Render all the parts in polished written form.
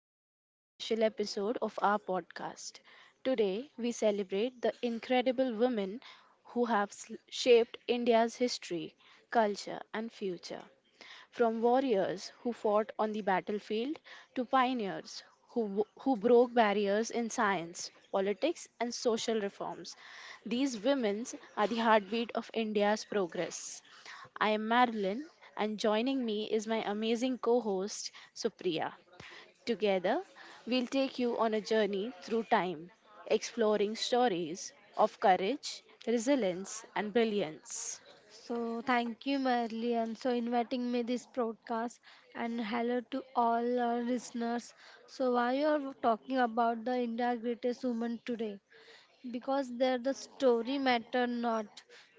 this very special episode of our podcast. Today, we celebrate the incredible women who have shaped India's history, culture, and future. From warriors who fought on the battlefield to pioneers who broke barriers in science, politics, and social reforms, these women are the heartbeat of India's progress. I am Marilyn, and joining me is my amazing co host, Supriya. Together, we'll take you on a journey through time, exploring stories of courage, resilience, and brilliance. So thank you, Marilyn, so inviting me this broadcast, and hello to all our listeners. So why you are talking about the India greatest woman today? Because there the story matter not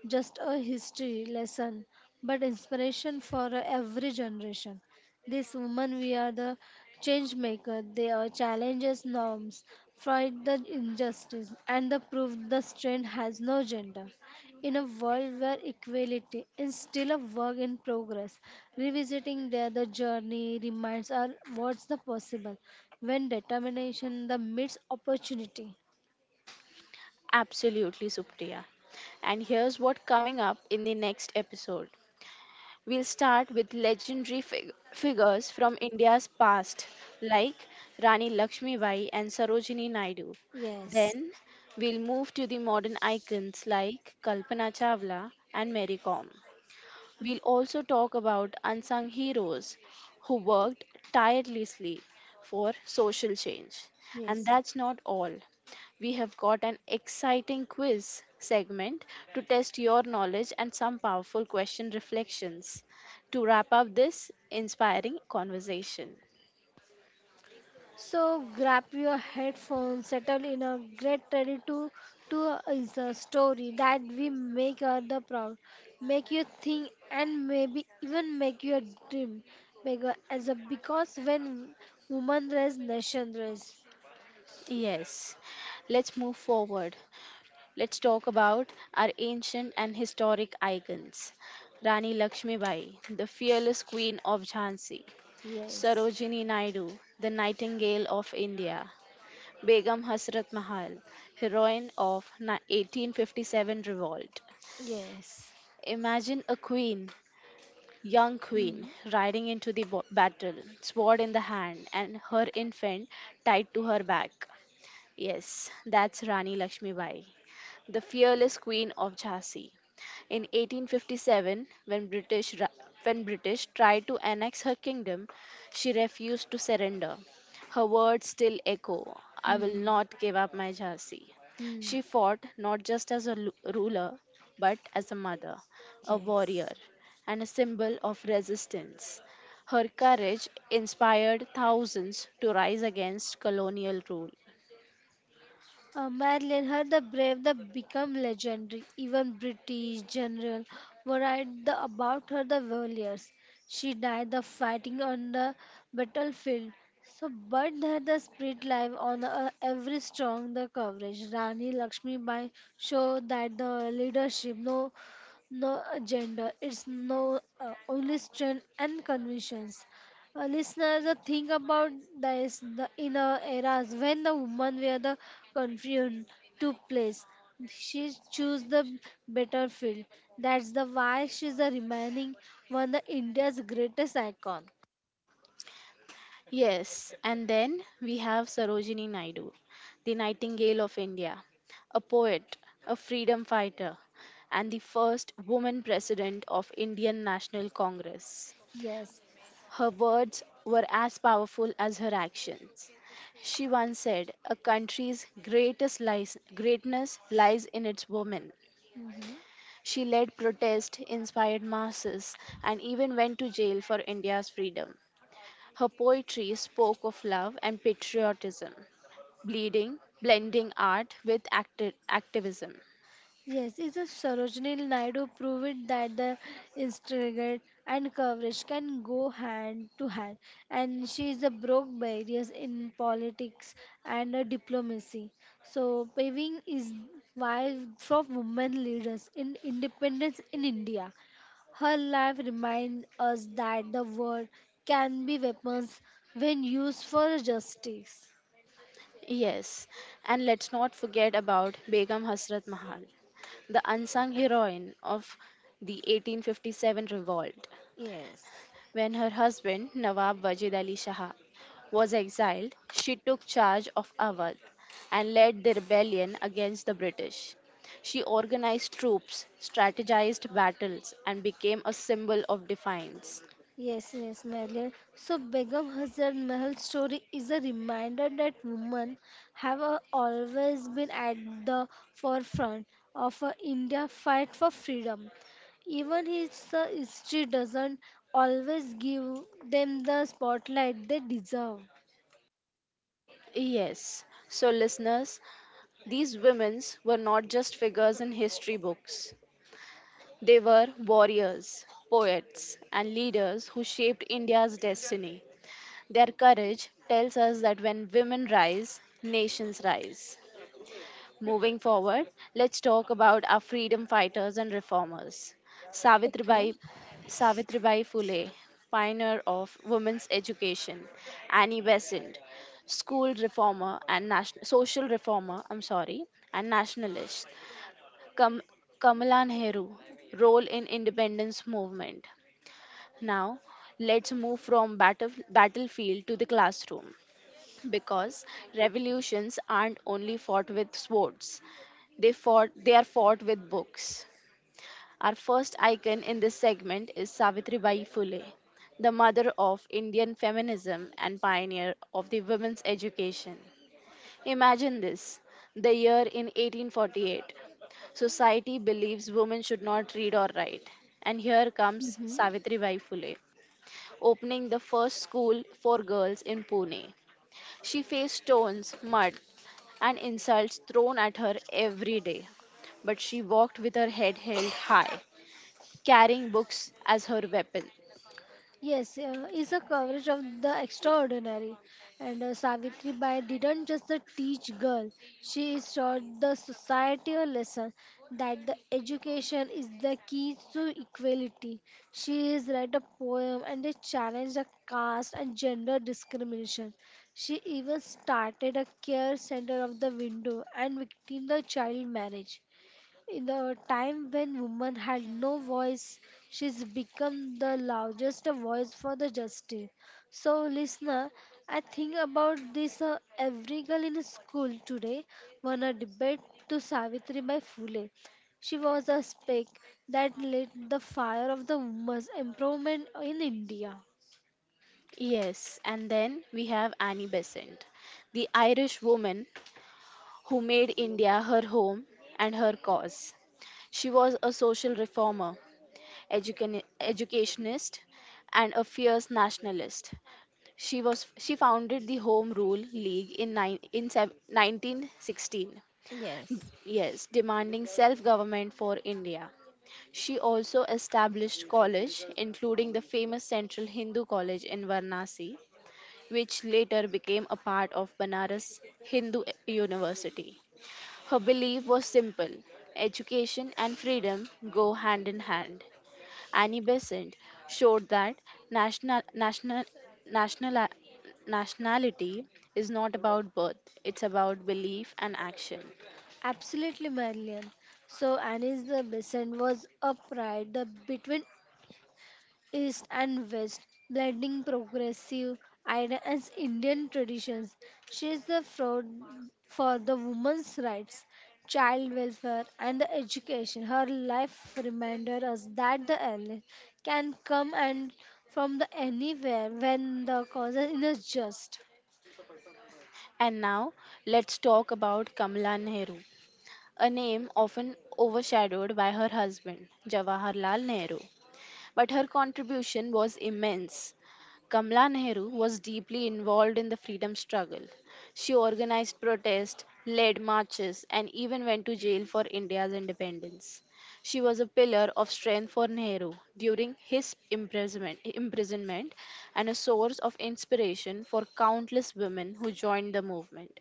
just a history lesson but inspiration for every generation. This woman we are the change maker, they are challenges norms, fight the injustice and the proof the strength has no gender in a world where equality is still a work in progress. Revisiting their the journey reminds us what's the possible when determination the meets opportunity. Absolutely, Supriya. And here's what coming up in the next episode. We'll start with legendary figures from India's past, like Rani Lakshmibai and Sarojini Naidu. Yes. Then we'll move to the modern icons like Kalpana Chawla and Mary Kom. We'll also talk about unsung heroes who worked tirelessly for social change. And Yes. that's not all. We have got an exciting quiz segment to test your knowledge and some powerful question reflections to wrap up this inspiring conversation. So grab your headphones, settle in a great ready to is a story that we make other proud, make you think and maybe even make your dream bigger as a because when woman raise nation raise. Yes, let's move forward. Let's talk about our ancient and historic icons. Rani Lakshmibai, the fearless queen of Jhansi. Yes. Sarojini Naidu, the nightingale of India. Begum Hasrat Mahal, heroine of 1857 revolt. Yes. Imagine a queen, young queen, Mm-hmm. riding into the battle, sword in the hand, and her infant tied to her back. Yes, that's Rani Lakshmibai, the fearless queen of Jhansi. In 1857, when when British tried to annex her kingdom, she refused to surrender. Her words still echo, I will not give up my Jhansi. Hmm. She fought not just as a ruler, but as a mother, a warrior, Yes. and a symbol of resistance. Her courage inspired thousands to rise against colonial rule. Madeline, her the brave, the become legendary. Even British general were right the, about her the warriors. She died the fighting on the battlefield. So, but her the spirit live on every strong the coverage. Rani Lakshmi Bai show that the leadership no agenda. It's no only strength and convictions. Listeners, think about this the, in a eras when the woman were the confident to place. She choose the better field. That's the why she's the remaining one of India's greatest icon. Yes, and then we have Sarojini Naidu, the Nightingale of India, a poet, a freedom fighter, and the first woman president of Indian National Congress. Yes. Her words were as powerful as her actions. She once said, "A greatness lies in its women." Mhm. She led protest, inspired masses, and even went to jail for India's freedom. Her poetry spoke of love and patriotism, blending art with activism. Yes, it's a Sarojini Naidu proved that the instigate and coverage can go hand to hand, and she is a broke barriers in politics and diplomacy. So paving is why for women leaders in independence in India. Her life reminds us that the world can be weapons when used for justice. Yes, and let's not forget about Begum Hasrat Mahal, the unsung heroine of the 1857 revolt. Yes. When her husband, Nawab Wajid Ali Shah, was exiled, she took charge of Awadh and led the rebellion against the British. She organized troops, strategized battles, and became a symbol of defiance. Yes, yes, Marilyn. So Begum Hazrat Mahal story is a reminder that women have always been at the forefront of India fight for freedom. Even his history doesn't always give them the spotlight they deserve. Yes, so listeners, these women were not just figures in history books. They were warriors, poets, and leaders who shaped India's destiny. Their courage tells us that when women rise, nations rise. Moving forward, let's talk about our freedom fighters and reformers. Okay. Savitribai, Savitribai Phule, pioneer of women's education, Annie Besant, school reformer and national social reformer, I'm sorry, and nationalist. Kam, Kamala Nehru, role in independence movement. Now, let's move from battlefield to the classroom, because revolutions aren't only fought with swords, they are fought with books. Our first icon in this segment is Savitribai Phule, the mother of Indian feminism and pioneer of the women's education. Imagine this: the year in 1848, society believes women should not read or write, and here comes Hmm. Savitribai Phule, opening the first school for girls in Pune. She faced stones, mud, and insults thrown at her every day. But she walked with her head held high, carrying books as her weapon. Yes, is a coverage of the extraordinary. And Savitri Bai didn't just teach girl, she is taught the society a lesson that the education is the key to equality. She is write a poem and they challenge the caste and gender discrimination. She even started a care center of the window and victim the child marriage. In the time when women had no voice, she's become the largest voice for the justice. So, listener, I think about this every girl in school today won a debate to Savitri by Phule. She was a speck that lit the fire of the women's improvement in India. Yes, and then we have Annie Besant, the Irish woman who made India her home and her cause. She was a social reformer, educationist, and a fierce nationalist. She founded the Home Rule League in, 1916. Yes, demanding self government for India. She also established colleges, including the famous Central Hindu College in Varanasi, which later became a part of Banaras Hindu University. Her belief was simple: education and freedom go hand in hand. Annie Besant showed that national, national, national, nationality is not about birth, it's about belief and action. Absolutely, Marilyn. So, Annie's the Besant was a pride the, between East and West, blending progressive ideas and Indian traditions. She is the fraud for the women's rights, child welfare, and the education. Her life reminded us that the illness can come and from the anywhere when the cause is just. And now let's talk about Kamala Nehru, a name often overshadowed by her husband, Jawaharlal Nehru. But her contribution was immense. Kamla Nehru was deeply involved in the freedom struggle. She organized protests, led marches, and even went to jail for India's independence. She was a pillar of strength for Nehru during his imprisonment, and a source of inspiration for countless women who joined the movement.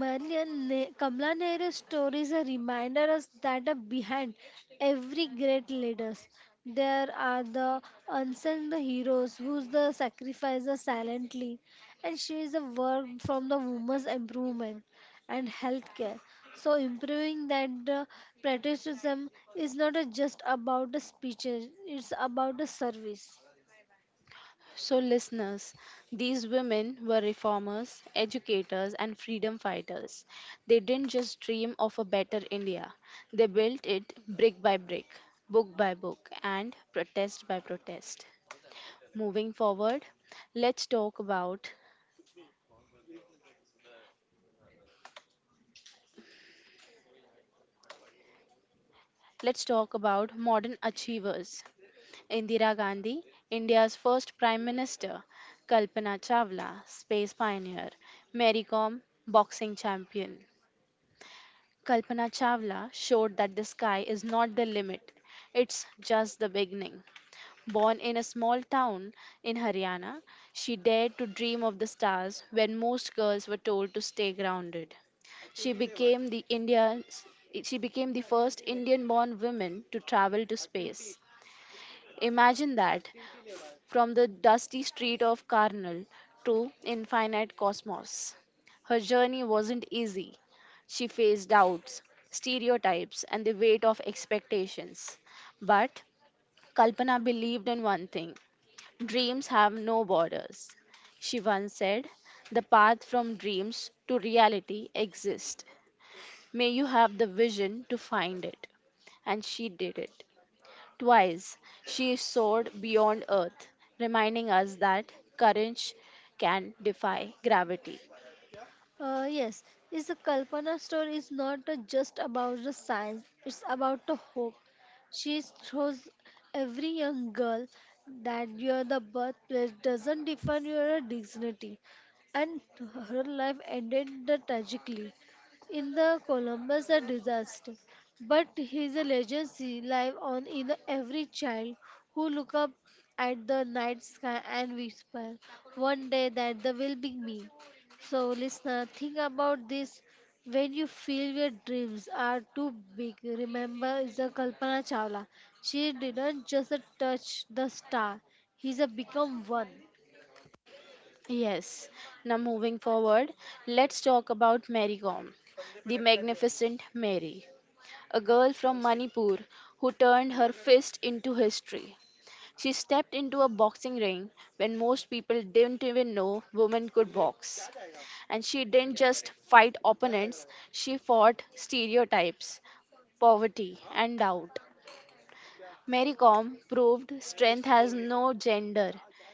Marian ne- Kamala Nehru's story is a reminder us that behind every great leaders there are the unsung the heroes who's the sacrifices silently, and she is a work from the women's improvement and healthcare, so improving that the patriotism is not just about the speeches, it's about the service. So, listeners, these women were reformers, educators, and freedom fighters. They didn't just dream of a better India, they built it brick by brick, book by book, and protest by protest. Moving forward, let's talk about let's talk about modern achievers. Indira Gandhi, India's first Prime Minister, Kalpana Chawla, space pioneer, Mary Kom, boxing champion. Kalpana Chawla showed that the sky is not the limit, it's just the beginning. Born in a small town in Haryana, she dared to dream of the stars when most girls were told to stay grounded. She became the India's she became the first Indian born woman to travel to space. Imagine that, from the dusty street of Karnal to infinite cosmos. Her journey wasn't easy. She faced doubts, stereotypes, and the weight of expectations. But Kalpana believed in one thing: dreams have no borders. She once said, the path from dreams to reality exists. May you have the vision to find it. And she did it. Twice she soared beyond Earth, reminding us that courage can defy gravity. Yes, is the Kalpana story is not just about the science, it's about the hope. She shows every young girl that your the birthplace doesn't define your dignity, and her life ended tragically in the Columbus a disaster. But his legacy live on in the every child who look up at the night sky and whisper, one day that there will be me. So, listener, think about this when you feel your dreams are too big. Remember, is a Kalpana Chawla. She didn't just touch the star; he's a become one. Yes, now moving forward, let's talk about Mary Kom, the magnificent Mary, a girl from Manipur who turned her fist into history. She stepped into a boxing ring when most people didn't even know women could box. And she didn't just fight opponents, she fought stereotypes, poverty, and doubt. Mary Kom proved strength has no gender.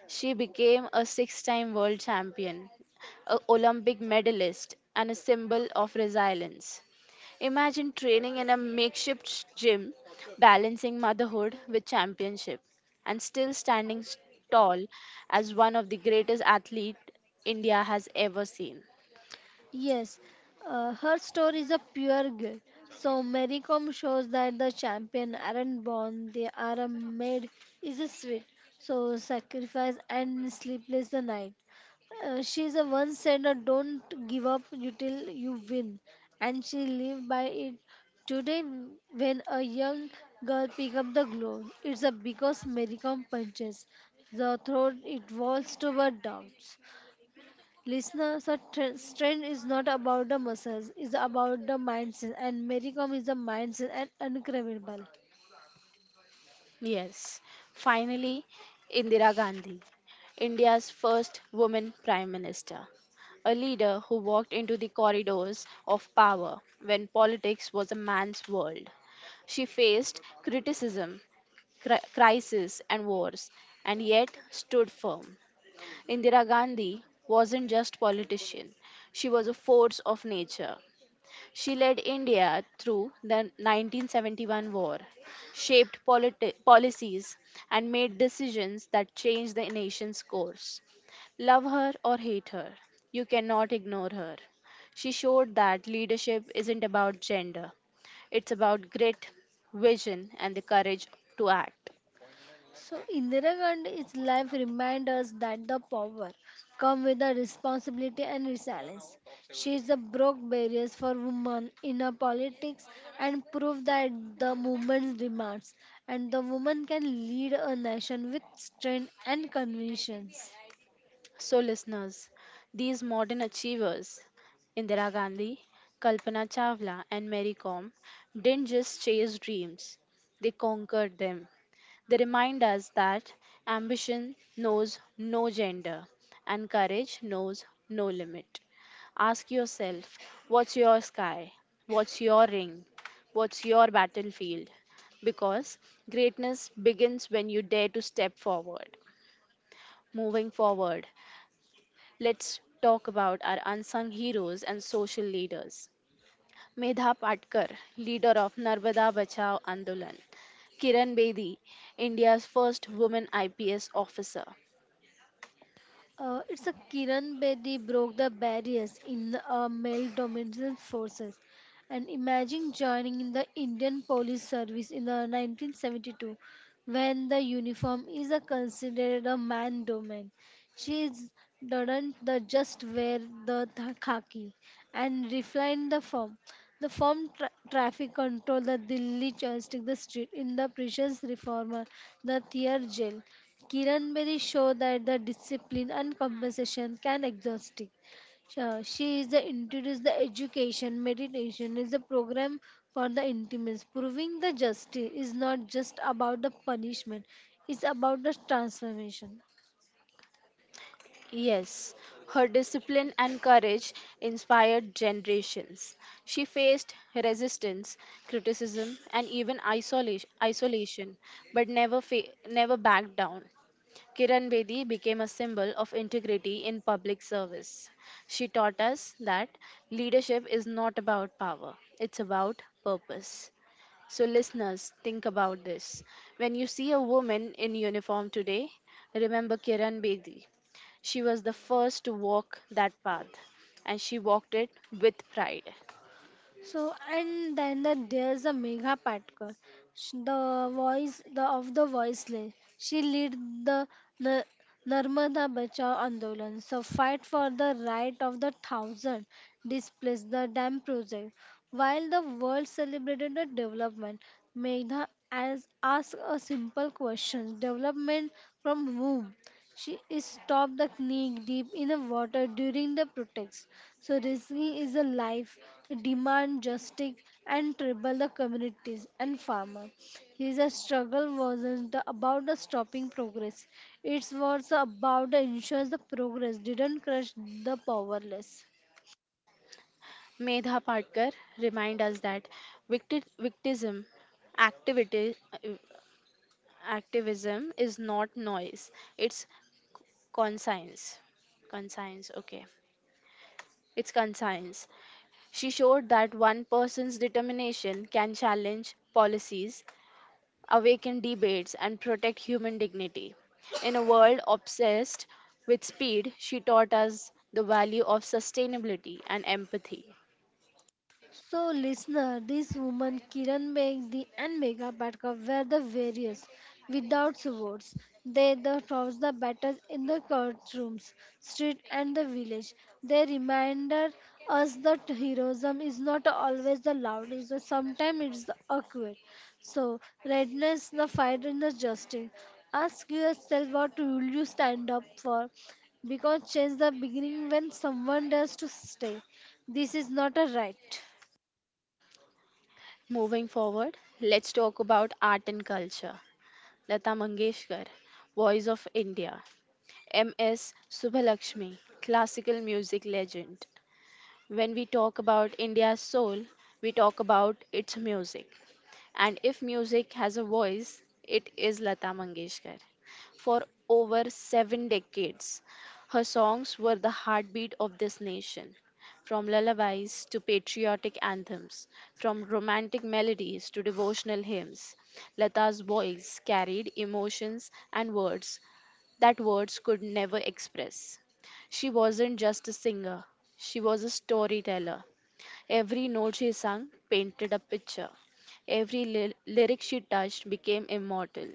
She became a six time world champion, a Olympic medalist, and a symbol of resilience. Imagine training in a makeshift gym, balancing motherhood with championship, and still standing tall as one of the greatest athletes India has ever seen. Yes, her story is a pure guilt. So Mary Kom shows that the champion aren't born, they are a made is a sweet. So sacrifice and sleepless the night. She's a one said don't give up you till you win, and she lived by it today when a young girl pick up the globe, it's a because Mary Kom punches the throat it walls to her down. Listeners, so tr- strength is not about the muscles, it's about the mindset, and Mericom is the mindset and incredible. Yes, finally, Indira Gandhi, India's first woman prime minister, a leader who walked into the corridors of power when politics was a man's world. She faced criticism, crisis, and wars, and yet stood firm. Indira Gandhi wasn't just politician; she was a force of nature. She led India through the 1971 war, shaped policies, and made decisions that changed the nation's course. Love her or hate her, you cannot ignore her. She showed that leadership isn't about gender, it's about grit, vision, and the courage to act. So Indira Gandhi's life reminds us that the power comes with the responsibility and resilience. She is the broke barriers for women in her politics and proved that the movement demands, and the woman can lead a nation with strength and convictions. So, listeners, these modern achievers, Indira Gandhi, Kalpana Chawla, and Mary Kom, didn't just chase dreams, they conquered them. They remind us that ambition knows no gender and courage knows no limit. Ask yourself, what's your sky? What's your ring? What's your battlefield? Because greatness begins when you dare to step forward. Moving forward, let's talk about our unsung heroes and social leaders. Medha Patkar, leader of Narmada Bachao Andolan. Kiran Bedi, India's first woman IPS officer. It's a Kiran Bedi broke the barriers in male dominated forces. And imagine joining in the Indian police service in the 1972 when the uniform is a considered a man domain. She is, doesn't the just wear the th- khaki and refine the form. The form tra- traffic control, the Delhi joystick, the street in the precious reformer, the Thier jail. Kiran Bedi showed that the discipline and compensation can exhaust it. Sure, she is the introduced the education meditation is a program for the intimates, proving the justice is not just about the punishment; it's about the transformation. Yes, her discipline and courage inspired generations. She faced resistance, criticism, and even isolation, but never backed down. Kiran Bedi became a symbol of integrity in public service. She taught us that leadership is not about power, it's about purpose. So, listeners, think about this. When you see a woman in uniform today, remember Kiran Bedi. She was the first to walk that path, and she walked it with pride. So and then the, there's a Megha Patkar, Sh- the voice the of the voiceless. She lead the the Narmada Bachao Andolan. So fight for the right of the thousand displaced the dam project. While the world celebrated the development, Megha has asked a simple question: development from whom? She is stopped the knee deep in the water during the protest. So risking is a life to demand justice and trouble the communities and farmer. His struggle wasn't the- about the stopping progress. It was about the ensures the progress didn't crush the powerless. Medha Patkar remind us that victi- victimism activity activism is not noise, it's conscience conscience okay it's conscience. She showed that one person's determination can challenge policies, awaken debates, and protect human dignity. In a world obsessed with speed, she taught us the value of sustainability and empathy. So, listener, this woman Kiran makes the and Megha Patkar were the various, without swords, they the fought the battles in the courtrooms, street, and the village. They reminded us that heroism is not always the loudest, sometimes it's the awkward. So, redness, the fight in the justice. Ask yourself what will you stand up for? Because change the beginning when someone dares to stay. This is not a right. Moving forward, let's talk about art and culture. Lata Mangeshkar, voice of India. M.S. Subhalakshmi, classical music legend. When we talk about India's soul, we talk about its music. And if music has a voice, it is Lata Mangeshkar. For over seven decades, her songs were the heartbeat of this nation. From lullabies to patriotic anthems, from romantic melodies to devotional hymns, Lata's voice carried emotions and words that words could never express. She wasn't just a singer, she was a storyteller. Every note she sang painted a picture. Every lyric she touched became immortal.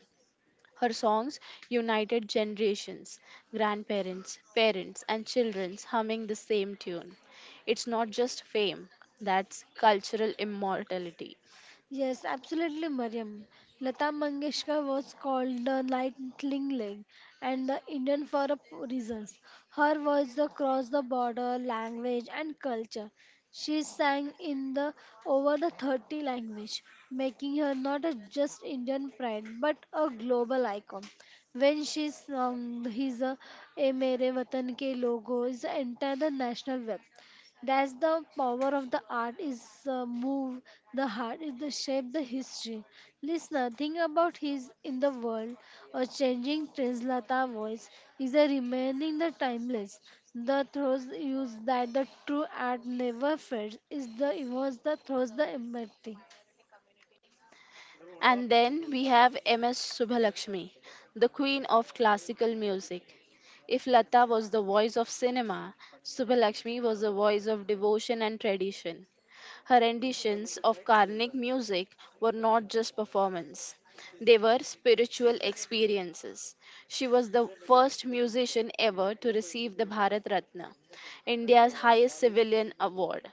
Her songs united generations, grandparents, parents, and children humming the same tune. It's not just fame, that's cultural immortality. Yes, absolutely, Mariam. Lata Mangeshkar was called the Lightning Leg and the Indian for a p- reasons. Her voice across the border, language and culture. She sang in the over the 30 language, making her not a just Indian pride but a global icon. When she sung his "ए मेरे वतन के लोगो" is the entire the national web. That's the power of the art is move the heart is the shape the history. Listener, think about his in the world or changing Translata voice is a remaining the timeless. The throws use that the true art never fades is the was the throws the empathy. And then we have M.S. Subhalakshmi, the queen of classical music. If Lata was the voice of cinema, Subhalakshmi was the voice of devotion and tradition. Her renditions of Karnik music were not just performance, they were spiritual experiences. She was the first musician ever to receive the Bharat Ratna, India's highest civilian award.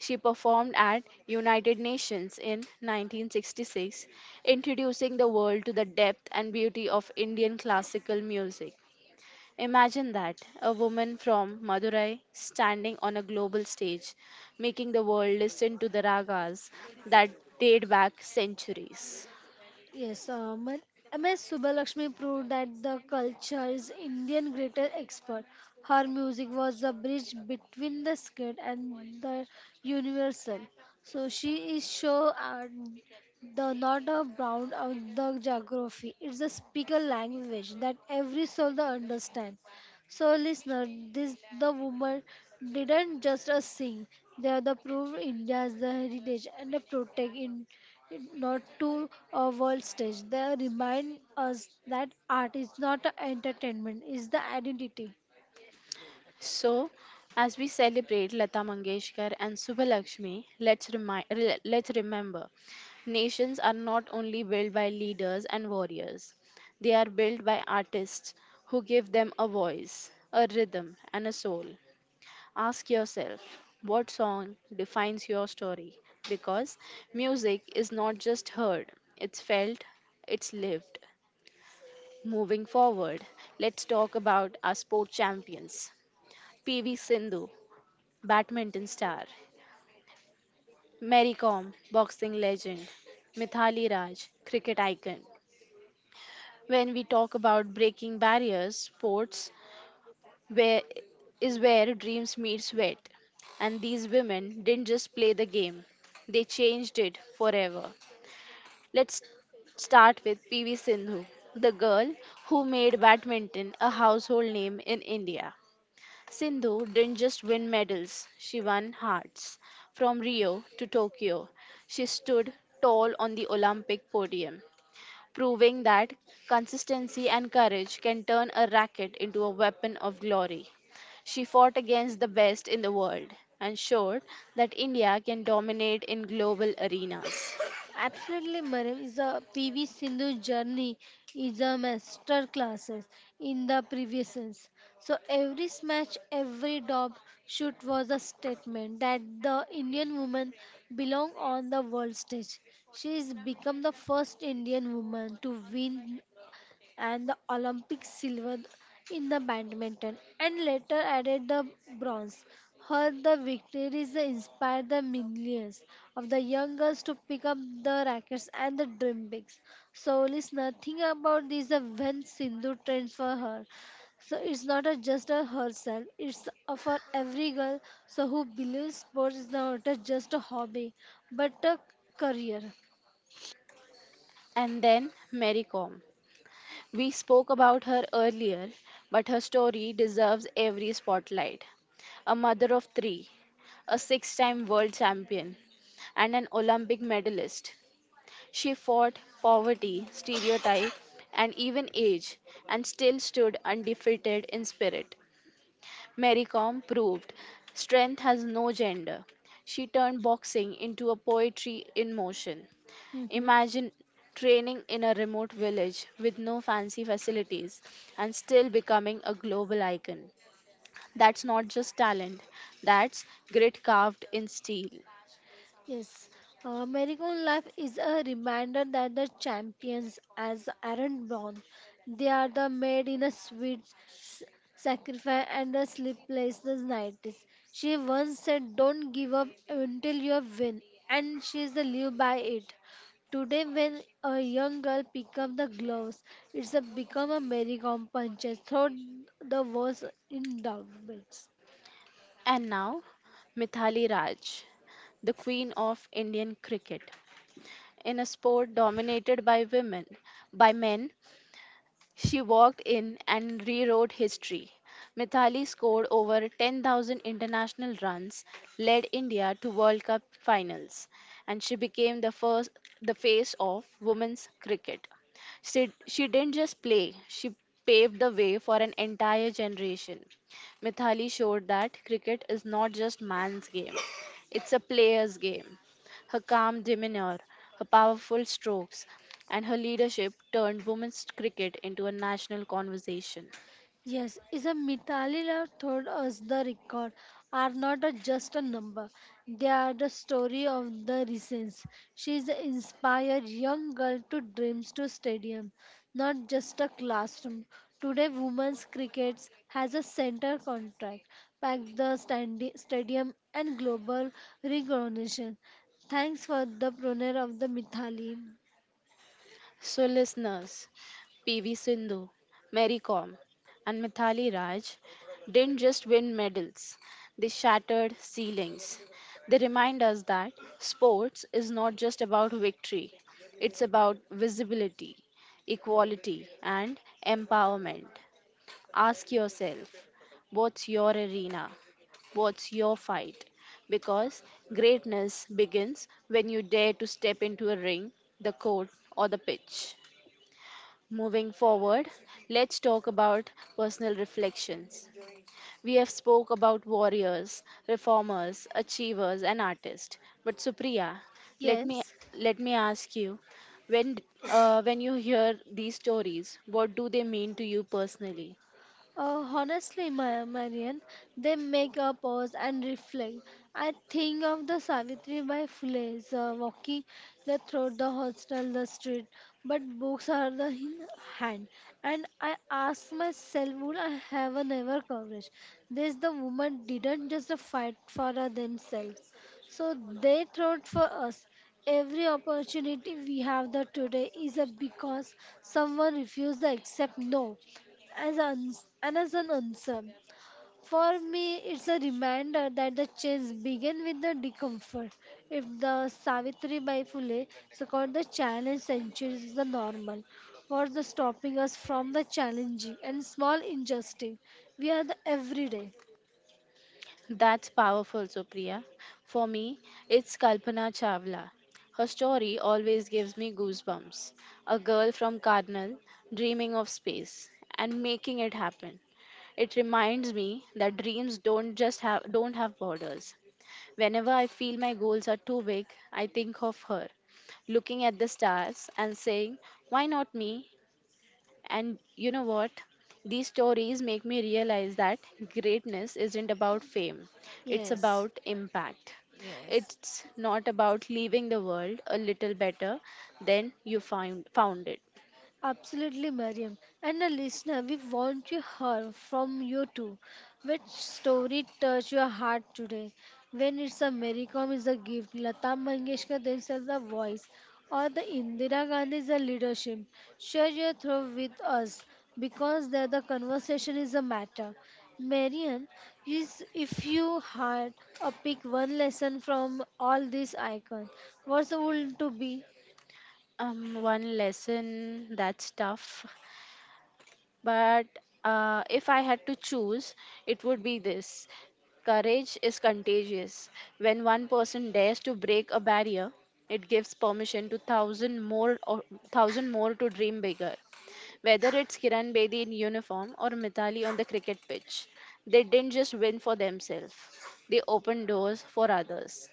She performed at United Nations in 1966, introducing the world to the depth and beauty of Indian classical music. Imagine that, a woman from Madurai standing on a global stage, making the world listen to the ragas that date back centuries. Yes, M.S. Subbalakshmi proved that the culture is Indian greater expert. Her music was the bridge between the scared and the universal. So she is sure and the not a brown of the geography. It's a speaker language that every soul the understand. So listener, this the woman didn't just sing. They are the proof India's the heritage and the protect it not to a world stage. They remind us that art is not a entertainment, it's the identity. So, as we celebrate Lata Mangeshkar and Subhalakshmi, let's remember, nations are not only built by leaders and warriors; they are built by artists who give them a voice, a rhythm, and a soul. Ask yourself, what song defines your story? Because music is not just heard; it's felt, it's lived. Moving forward, let's talk about our sport champions. PV Sindhu badminton star, Mary Kom, boxing legend, Mithali Raj, cricket icon. When we talk about breaking barriers, sports where is where dreams meet sweat. And these women didn't just play the game, they changed it forever. Let's start with PV Sindhu, the girl who made badminton a household name in India. Sindhu didn't just win medals, she won hearts. From Rio to Tokyo, she stood tall on the Olympic podium, proving that consistency and courage can turn a racket into a weapon of glory. She fought against the best in the world and showed that India can dominate in global arenas. Absolutely, Mariam is a PV Sindhu journey is a master classes in the previous sense. So every smash, every dob shoot was a statement that the Indian woman belong on the world stage. She has become the first Indian woman to win and the Olympic silver in the badminton and later added the bronze. Her the victories inspired the millions of the young girls to pick up the rackets and the dream bigs. So listener, think about this when Sindhu trains for her. So it's not a just a herself, it's a for every girl so who believes sports is not a just a hobby but a career. And then Mary Kom. We spoke about her earlier, but her story deserves every spotlight. A mother of three, a six time world champion, and an Olympic medalist. She fought poverty, stereotype, and even age, and still stood undefeated in spirit. Mary Kom proved strength has no gender. She turned boxing into a poetry in motion. Mhm. Imagine training in a remote village with no fancy facilities and still becoming a global icon. That's not just talent, that's grit carved in steel. Yes, Marigold Life is a reminder that the champions as aren't born. They are the made in a sweet s- sacrifice and a sleepless nights. She once said, don't give up until you win, and she's is the live by it. Today, when a young girl pick up the gloves, it's a become a merry-go-round punches, through the walls in doubts. And now, Mithali Raj, the queen of Indian cricket. In a sport dominated by men, she walked in and rewrote history. Mithali scored over 10,000 international runs, led India to World Cup finals, and she became the face of women's cricket. She didn't just play, she paved the way for an entire generation. Mithali showed that cricket is not just man's game, it's a player's game. Her calm demeanour, her powerful strokes, and her leadership turned women's cricket into a national conversation. Yes, is a Mitalila told us the record are not a- just a number. They are the story of the reasons. She is inspired young girl to dreams to stadium, not just a classroom. Today, women's cricket has a center contract, packed the standi- stadium and global recognition. Thanks for the pioneer of the Mithali. So, listeners, PV Sindhu, Mary Kom, and Mithali Raj didn't just win medals, they shattered ceilings. They remind us that sports is not just about victory, it's about visibility, equality, and empowerment. Ask yourself, what's your arena? What's your fight? Because greatness begins when you dare to step into a ring, the court, or the pitch. Moving forward, let's talk about personal reflections. We have spoke about warriors, reformers, achievers and artists. But Supriya, let me Yes. let me ask you when when you hear these stories, what do they mean to you personally? Honestly, Marian, they make a pause and reflect. I think of the Savitri by Phule, walking the through the hostel, the street, but books are the in hand. And I ask myself, would I have a never coverage? This the woman didn't just fight for themselves, so they fought for us. Every opportunity we have the today is a because someone refused to accept no as an, and as an answer. For me, it's a reminder that the change began with the discomfort. If the Savitri Bai Phule, so called the challenge centuries, is the normal, what's the stopping us from the challenging and small injustice we are the everyday? That's powerful, Supriya. For me, it's Kalpana Chawla. Her story always gives me goosebumps. A girl from Karnal dreaming of space and making it happen. It reminds me that dreams don't have borders. Whenever I feel my goals are too big, I think of her, looking at the stars and saying, "Why not me?" And you know what? These stories make me realize that greatness isn't about fame, it's Yes. about impact. It's not about leaving the world a little better than you found it. Absolutely, Mariam. And a listener, we want to hear from you too. Which story touched your heart today? When it's a Mary Kom is a gift, Lata Mangeshkar themselves a voice, or the Indira Gandhi is a leadership. Share your thought with us because there the conversation is a matter. Mariam, is if you had a pick one lesson from all these icons, what would it to be? One lesson that's tough. But if I had to choose, it would be this: courage is contagious. When one person dares to break a barrier, it gives permission to thousand more to dream bigger. Whether it's Kiran Bedi in uniform or Mithali on the cricket pitch, they didn't just win for themselves; they opened doors for others.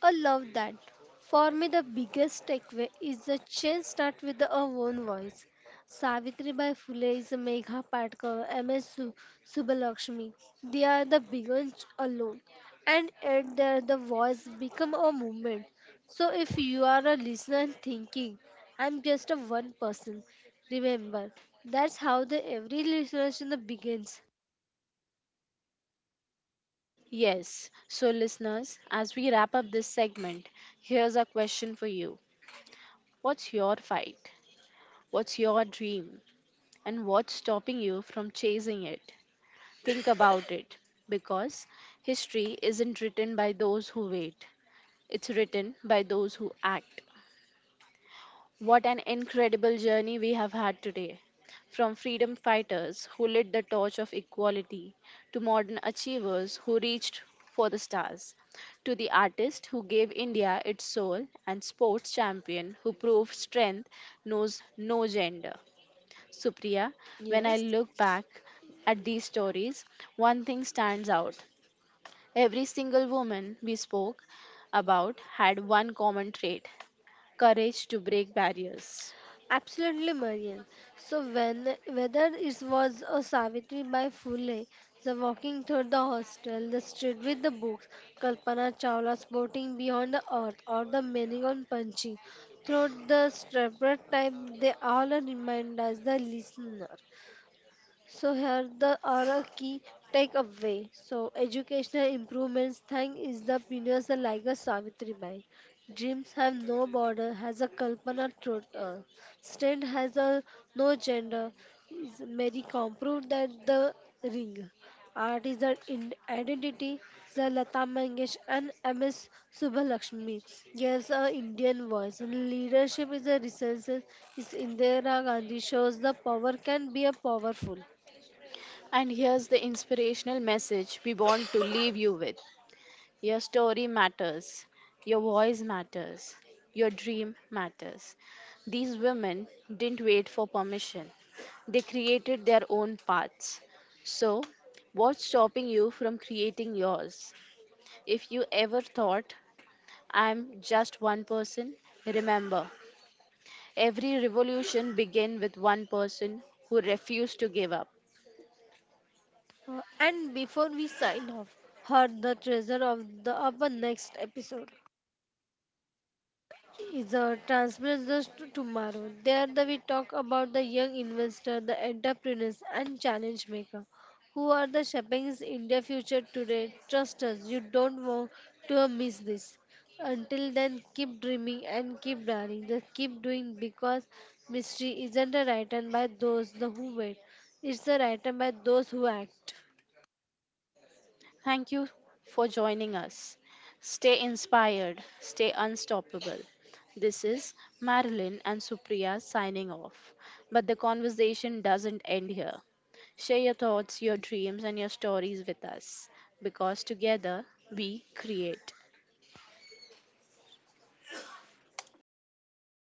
I love that. For me, the biggest takeaway is the change start with our own voice. Savitribai Phule is Megha Patkar, M.S. Subbalakshmi. They are the biggest alone. And yet their the voice become a movement. So if you are a listener and thinking, I'm just a one person, remember, that's how the every listener begins. Yes. So, listeners, as we wrap up this segment, here's a question for you: What's your fight? What's your dream? And what's stopping you from chasing it? Think about it. Because history isn't written by those who wait, it's written by those who act. What an incredible journey we have had today. From freedom fighters who lit the torch of equality, to modern achievers who reached for the stars, to the artist who gave India its soul, and sports champion who proved strength knows no gender. Supriya, when I Yes. look back at these stories, one thing stands out. Every single woman we spoke about had one common trait: courage to break barriers. Absolutely, Marian. So when whether it was a Savitri by Phule, the walking through the hostel, the street with the books, Kalpana Chawla's boating beyond the earth, or the meaning on punching, through the separate time, they all remind us the listener so here the are a key takeaway. So educational improvements thank is the pioneers like a Savitribai. Dreams have no border has a Kalpana Trotwal. Strength has a no gender. Is Mary Comproved that the ring. Art is the in identity. The Lata Mangesh and M.S. Subbalakshmi gives a Indian voice. And leadership is a resource. Is Indira Gandhi shows the power can be a powerful. And here's the inspirational message we want to leave you with: your story matters, your voice matters, your dream matters. These women didn't wait for permission, they created their own paths. So, what's stopping you from creating yours? If you ever thought, I'm just one person, remember, every revolution began with one person who refused to give up. And before we sign off, heard the treasure of the our next episode is a transgressors to tomorrow. There the, we talk about the young investor, the entrepreneurs and challenge maker who are the shaping India future today. Trust us, you don't want to miss this. Until then, keep dreaming and keep daring. Just keep doing because mystery isn't a written by those the who wait. It's a written by those who act. Thank you for joining us. Stay inspired, stay unstoppable. This is Marilyn and Supriya signing off. But the conversation doesn't end here. Share your thoughts, your dreams, and your stories with us because together we create.